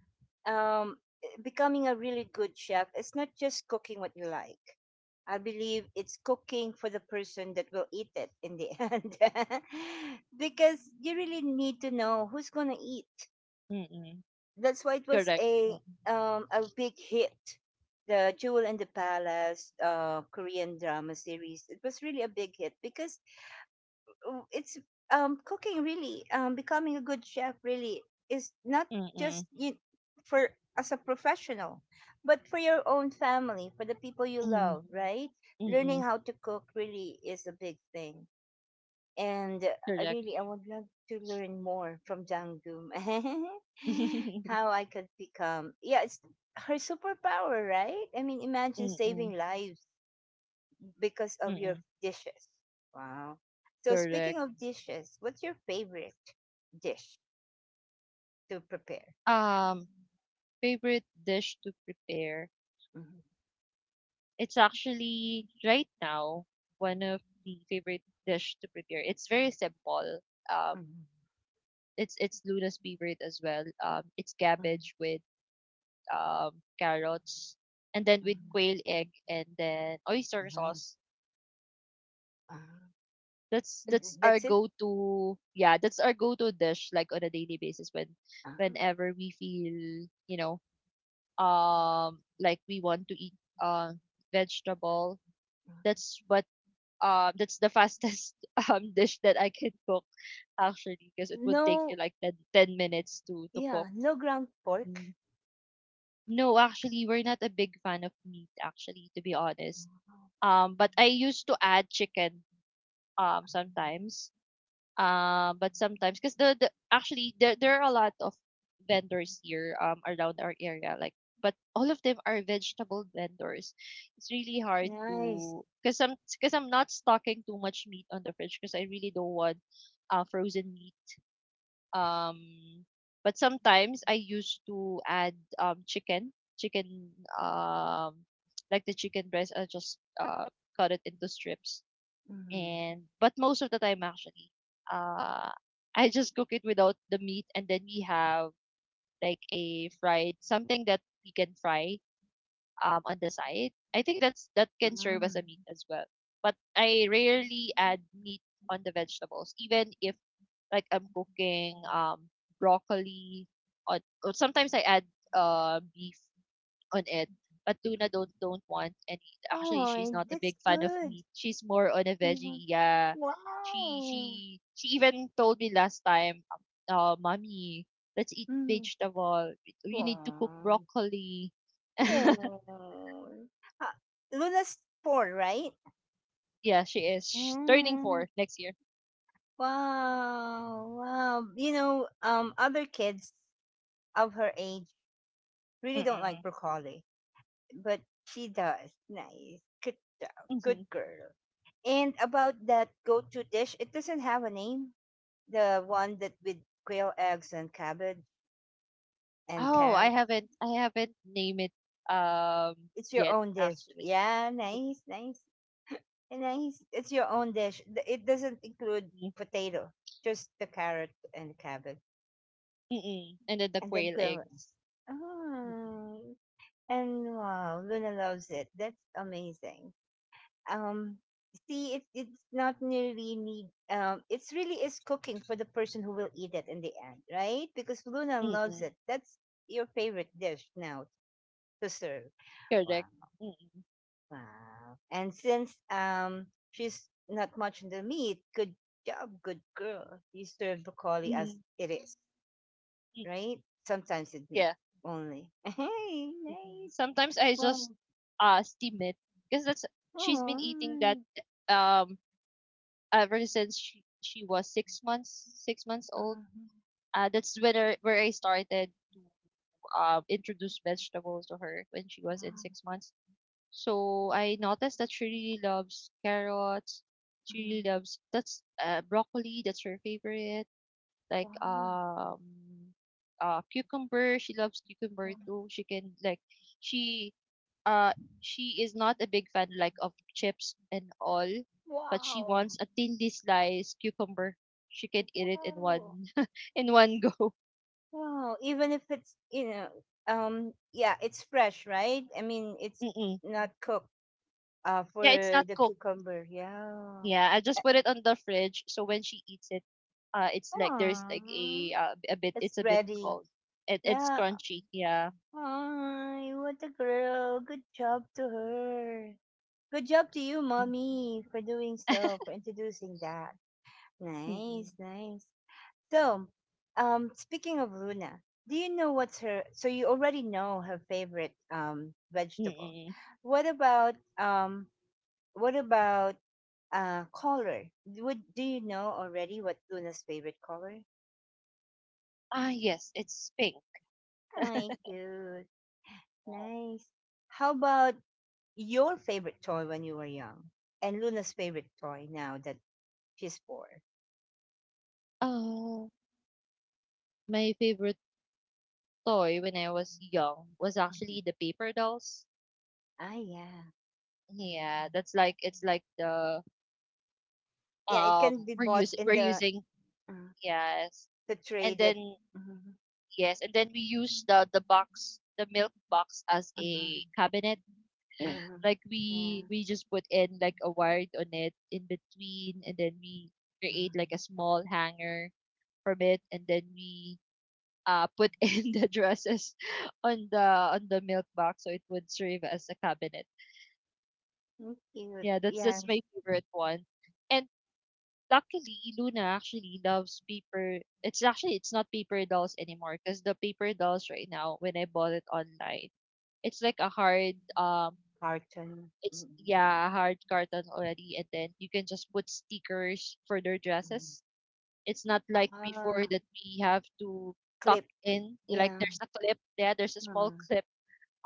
um, becoming a really good chef, it's not just cooking what you like. I believe it's cooking for the person that will eat it in the end because you really need to know who's going to eat.
Mm-mm.
That's why it was
Correct.
a
Mm,
um a big hit. The Jewel and the Palace Korean drama series. It was really a big hit because it's cooking really becoming a good chef really is not
mm-mm.
just you for as a professional but for your own family for the people you
Mm,
love, right? Learning
mm-mm.
how to cook really is a big thing, and I
Correct.
really I would love to learn more from Jangum. How I could become, yeah, it's her superpower, right? I mean, imagine
Mm-mm.
saving lives because of your
Mm-mm.
dishes. Wow. So,
Correct.
speaking of dishes, what's your favorite dish to prepare?
Um, Favorite dish to prepare.
Mhm,
It's actually right now one of the favorite dish to prepare. It's very simple. Um,
mhm,
it's Luna's favorite as well. It's
mhm,
cabbage with um, carrots, and then with
mhm,
quail egg and then oyster
mhm,
sauce.
ah.
That's that's our
That's it.
go-to. Yeah, that's our go-to dish, like on a daily basis, when
Ah,
whenever we feel, you know, like we want to eat uh vegetable.
ah.
That's what that's the fastest dish that I can cook, actually, because it would take you
No,
like ten minutes to
yeah,
cook.
no ground pork.
Mm. No, actually, we're not a big fan of meat, actually, to be honest. But I used to add chicken sometimes. But sometimes, because there there are a lot of vendors here around our area, like, but all of them are vegetable vendors. It's really hard
Nice.
to, because I'm not stocking too much meat on the fridge, because I really don't want frozen meat. Um, but sometimes I used to add chicken, um like the chicken breast. I just cut it into strips,
Mm,
and but most of the time, actually, uh I just cook it without the meat, and then we have like a fried something that we can fry on the side. I think that's that can serve as
mm.
a meat as well. But I rarely add meat on the vegetables, even if like I'm cooking broccoli or, or sometimes I add beef on it. But Luna don't want any. Actually, she's
Oh,
not a big
that's
fan of
good.
meat. She's more on a
Mhm.
veggie. Yeah, she
Wow.
she she even told me last time, mommy, let's eat
Mm.
vegetable. You need to cook
Wow.
broccoli.
Oh. Ah, Luna's 4, right?
Yeah, she is turning
Mm.
four next year.
Wow. Wow. You know, other kids of her age really don't like
Mm-mm.
broccoli, but she does. Nice. Good job. Good
Hmm.
girl. And about that go-to dish, it doesn't have a name. The one that with quail eggs and cabbage and
Oh,
carrot.
I haven't named it um
It's your
yet,
own dish.
actually.
Yeah, nice, nice, nice. It's your own dish. It doesn't include
Mm-mm.
potato, just the carrot and cabbage,
Mm-mm. And then the
and then
quail
quail.
eggs. Mm-mm.
Oh, and wow, Luna loves it. That's amazing. Um, See, it's not really need. It's really is cooking for the person who will eat it in the end, right? Because Luna loves
Mm-mm.
it. That's your favorite dish now to serve. Wow.
Correct. Mm-mm.
Wow. And since she's not much in the meat, good job, good girl. You serve broccoli as
Mm-hmm.
it is,
Mm,
right? Sometimes it's meat
yeah.
only. Hey,
Mm-mm.
mate.
Sometimes I
Wow.
just steam it, because that's, she's been eating that
Oh.
um ever since she was 6 months
uh
old. That's when where I started to introduce vegetables to her when she was in
Wow.
6 months. So I noticed that she really loves carrots. She really
Mhm.
loves that's broccoli. That's her favorite. Like
Wow.
cucumber. She loves cucumber
Wow.
too. She can like she uh she is not a big fan like of chips and all, but she wants a thinly sliced cucumber. She can eat it in
Wow.
one in one go.
Wow. Even if it's, yeah, it's fresh, right? I mean, it's
Mm-mm.
not cooked for
Yeah, it's not
the
cooked.
cucumber. Yeah.
Yeah, I just put it on the fridge, so when she eats it, it's like there's
Aw,
like a bit.
it's
It's a bit
ready.
cold. It's
Yeah.
crunchy. Yeah.
Ay, what a girl. Good job to her. Good job to you,
Mm.
mommy, for doing so, for introducing that.
Mm-mm.
Nice, nice. So, Speaking of Luna, do you know what's her? So you already know her favorite vegetable.
Mm-mm.
What about What about color? Would do you know already what Luna's favorite color?
Ah, yes, it's pink.
I do. Nice. How about your favorite toy when you were young? And Luna's favorite toy now that she's 4.
Uh, my favorite toy when I was young was
Hmm.
actually the paper dolls.
Ah, yeah, yeah,
Yeah, that's like it's like the
yeah. It
um
can be bought in
we're
the
using,
uh,
yes.
to
And
trade
then
it. Hmm.
yes, and then we use the box, the milk box, as
Uh-huh.
a cabinet. Mm.
Uh-huh.
Like we just put in like a wire on it in between, and then we
Yeah.
create like a small hanger from it, and then we put in the dresses on the milk box, so it would serve as a cabinet.
Cute.
Yeah, that's
Yes.
my favorite one. And luckily, Luna actually loves paper. It's actually it's not paper dolls anymore, because the paper dolls right now, when I bought it online, it's like a hard
Carton.
it's
Mm-hmm.
yeah, a hard carton already, and then you can just put stickers for their dresses. It's not like before,
Ah,
that we have to tuck
clip.
in. You like
Yeah.
there's a clip, yeah, there's a small
Mm-hmm.
clip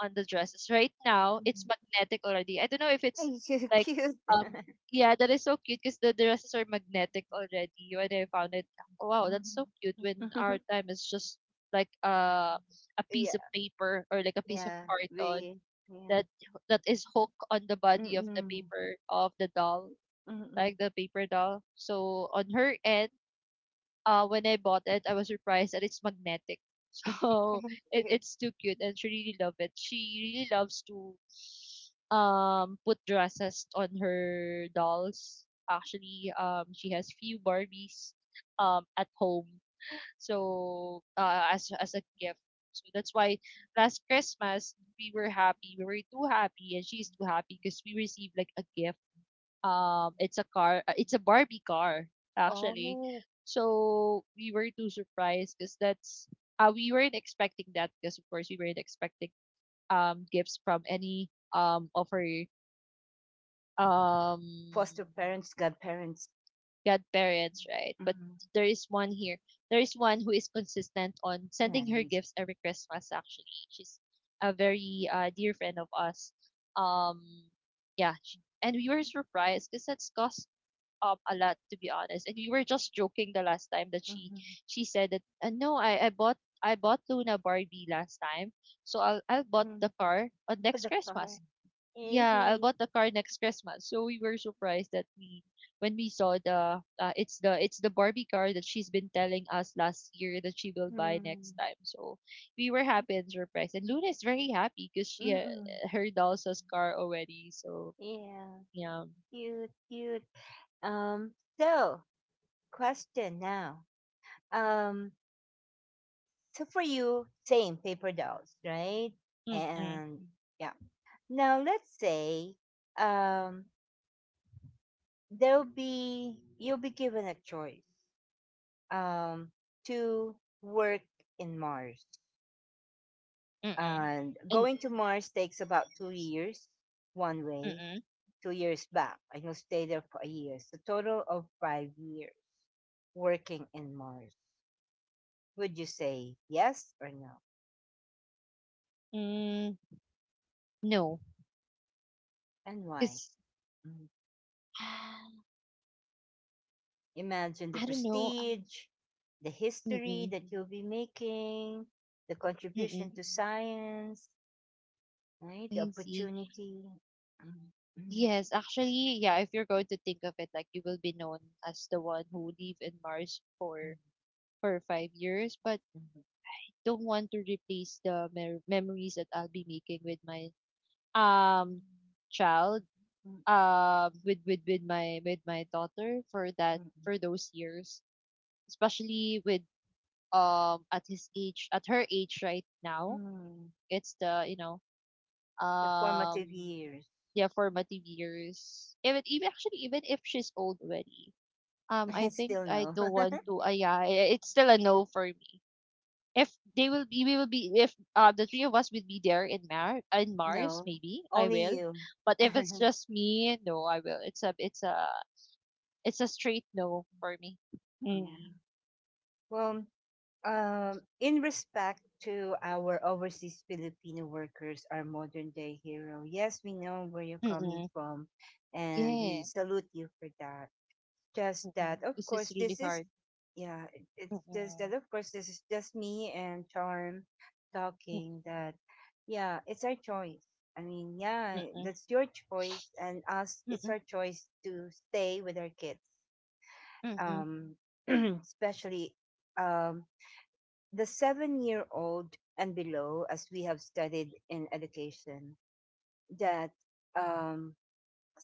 on the dresses. Right now, it's magnetic already. I don't know if it's
You're
like
cute.
um yeah, that is so cute, because the dresses are magnetic already. When I found it, wow, that's so
Mhm.
cute. When our time is just like a piece of
Yeah.
paper or like a piece of
Yeah,
carton
we yeah.
that is hooked on the body of the
Mm-mm.
paper of the doll, like
Mm-mm.
the paper doll. So on her end, when I bought it, I was surprised that it's magnetic. So
Cute.
it's too cute, and she really love it. She really loves to put dresses on her dolls. Actually, she has few Barbies at home. So as a gift. So that's why last Christmas we were happy. We were too happy, and she's too happy, because we received like a gift, it's a car. It's a Barbie car, actually.
Oh,
So we were too surprised, because that's we weren't expecting that, because of course we weren't expecting gifts from any of her um
foster parents, godparents.
godparents, right? But
Mm-hmm.
there is one here. There is one who is consistent on sending her
Nice.
gifts every Christmas. Actually, she's a very dear friend of us. Um, yeah, and we were surprised, because that's cost a lot, to be honest. And we were just joking the last time that
Mm-hmm.
she said that no, I bought, I bought Luna Barbie last time, so I'll bought
Mm.
the car on
For the
next
car.
Christmas. Yeah, I'll
Hey.
bought the car next Christmas. So we were surprised that we when we saw the it's the Barbie car that she's been telling us last year that she will buy next
Mm.
time. So we were happy and surprised. And Luna is very happy because she
Mm-mm.
her doll's car already. So
Yeah.
yeah,
Cute, cute. Um, so Question now. Um, so for you, same paper dolls, right?
mm mm
And yeah. Now let's say um there'll be you'll be given a choice um to work in Mars,
mm mm
and
and
going to Mars takes about 2 years one way,
mm.
2 years back, and you'll stay there for a year, so total of 5 years working in Mars. Would you say yes or no,
Mm, no,
and why?
because
Mm. Imagine the
I don't know.
prestige, the history
Mm-mm,
that you'll be making, the contribution
mm-mm,
to science, right? The
I see.
opportunity, mm, mm,
Yes, actually, yeah. If you're going to think of it, like you will be known as the one who live in Mars
mm,
for 5 years, but
mm,
don't want to replace the memories that I'll be making with my um child,
mm,
with my daughter for that,
mm,
for those years, especially with at her age right now.
mm,
It's the you know
the
um
formative years.
yeah, formative years. Even actually, even if she's old already, I
I
think
still
I
no,
don't want to yeah, it's still a no for me. If they will be we will be, if the three of us will be there in Mars,
no,
maybe I
only
will,
you.
but if
Yeah.
it's just me, no, I will, it's a it's a straight no for me. Mm.
Well, in respect to our overseas Filipino workers, our modern day hero. Yes, we know where you're coming
Mm-mm.
from, and we
Yeah.
salute you for that. Just that
Mm-mm.
of
This is
course
really
this is,
hard.
yeah, it's just that
Mm-mm.
of course this is just me and Charm talking, that, yeah, it's our choice. I mean, yeah,
Mm-mm.
that's your choice and us, it's
Mm-mm.
our choice to stay with our kids.
Mm-mm.
um especially um the 7 year old and below, as we have studied in education, that um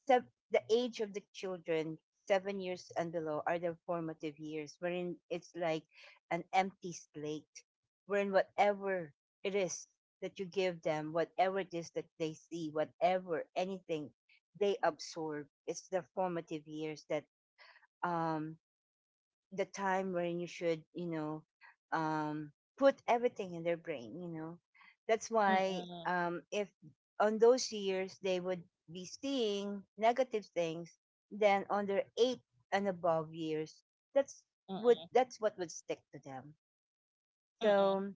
the age of the children, 7 years and below, are the formative years, wherein it's like an empty slate, wherein whatever it is that you give them, whatever it is that they see, whatever, anything, they absorb. It's the formative years that, um, the time when you should, um, put everything in their brain, That's
Mm-mm.
why,
Mm-mm.
if on those years they would be seeing negative things, then on their eight and above years, that's that's what would stick to them.
Mm-mm.
So,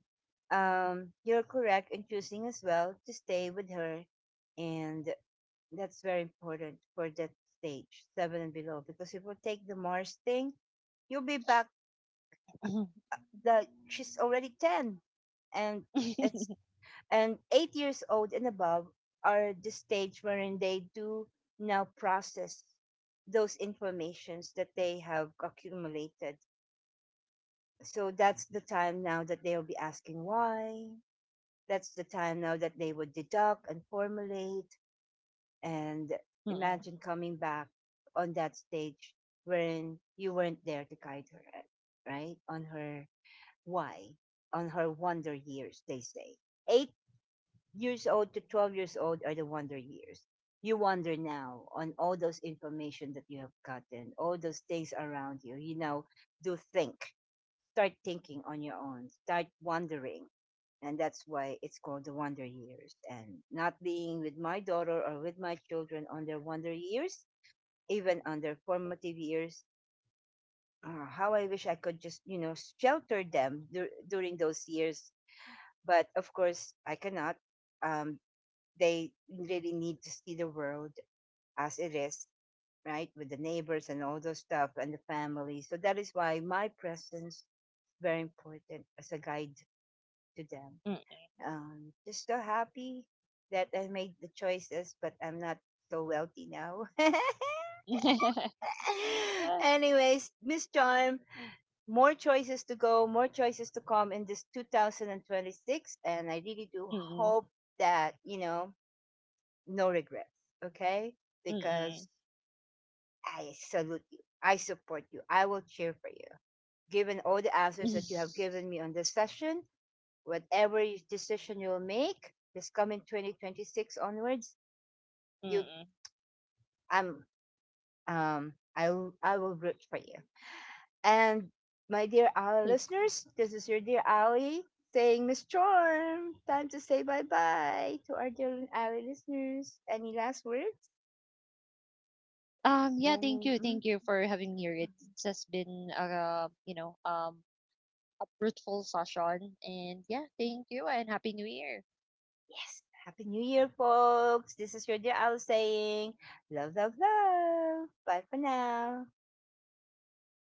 you're correct in choosing as well to stay with her, and that's very important for that stage seven and below, because if we take the Mars thing, you'll be back
Mm-mm.
that she's already 10, and it's and 8 years old and above are the stage wherein they do now process those informations that they have accumulated. So that's the time now that they'll be asking why, that's the time now that they would deduct and formulate, and
Mm,
imagine coming back on that stage wherein you weren't there to guide her right on her why? On her wonder years, they say. 8 years old to 12 years old are the wonder years. You wonder now on all those information that you have gotten, all those things around you. You know, do think. Start thinking on your own. Start wondering. And that's why it's called the wonder years. And not being with my daughter or with my children on their wonder years, even on their formative years, ah, how I wish I could just, you know, shelter them during those years, but of course I cannot. um they really need to see the world as it is, right, with the neighbors and all those stuff and the family. So that is why my presence is very important as a guide to them.
mm.
Just so happy that I made the choices, but I'm not so wealthy now. Anyways, Miss Charm, more choices to go, more choices to come in this 2026, and I really do
Mm,
hope that, you know, no regrets, okay?
mm.
Because I salute you. I support you. I will cheer for you. Given all the
Mm.
answers that you have given me on this session, whatever decision you will make this coming 2026 onwards, you I'm I will root for you. And my dear, our
Thank-
listeners, this is your dear Ali saying, Miss Charm, time to say bye bye to our dear Ali listeners. Any last words?
Yeah,
Any
thank you.
mm,
Thank you for having me here. It
mm,
has been a fruitful session, and yeah, thank you and happy new year.
yes. Happy New Year, folks. This is your dear Al saying, love, love, love. Bye for now.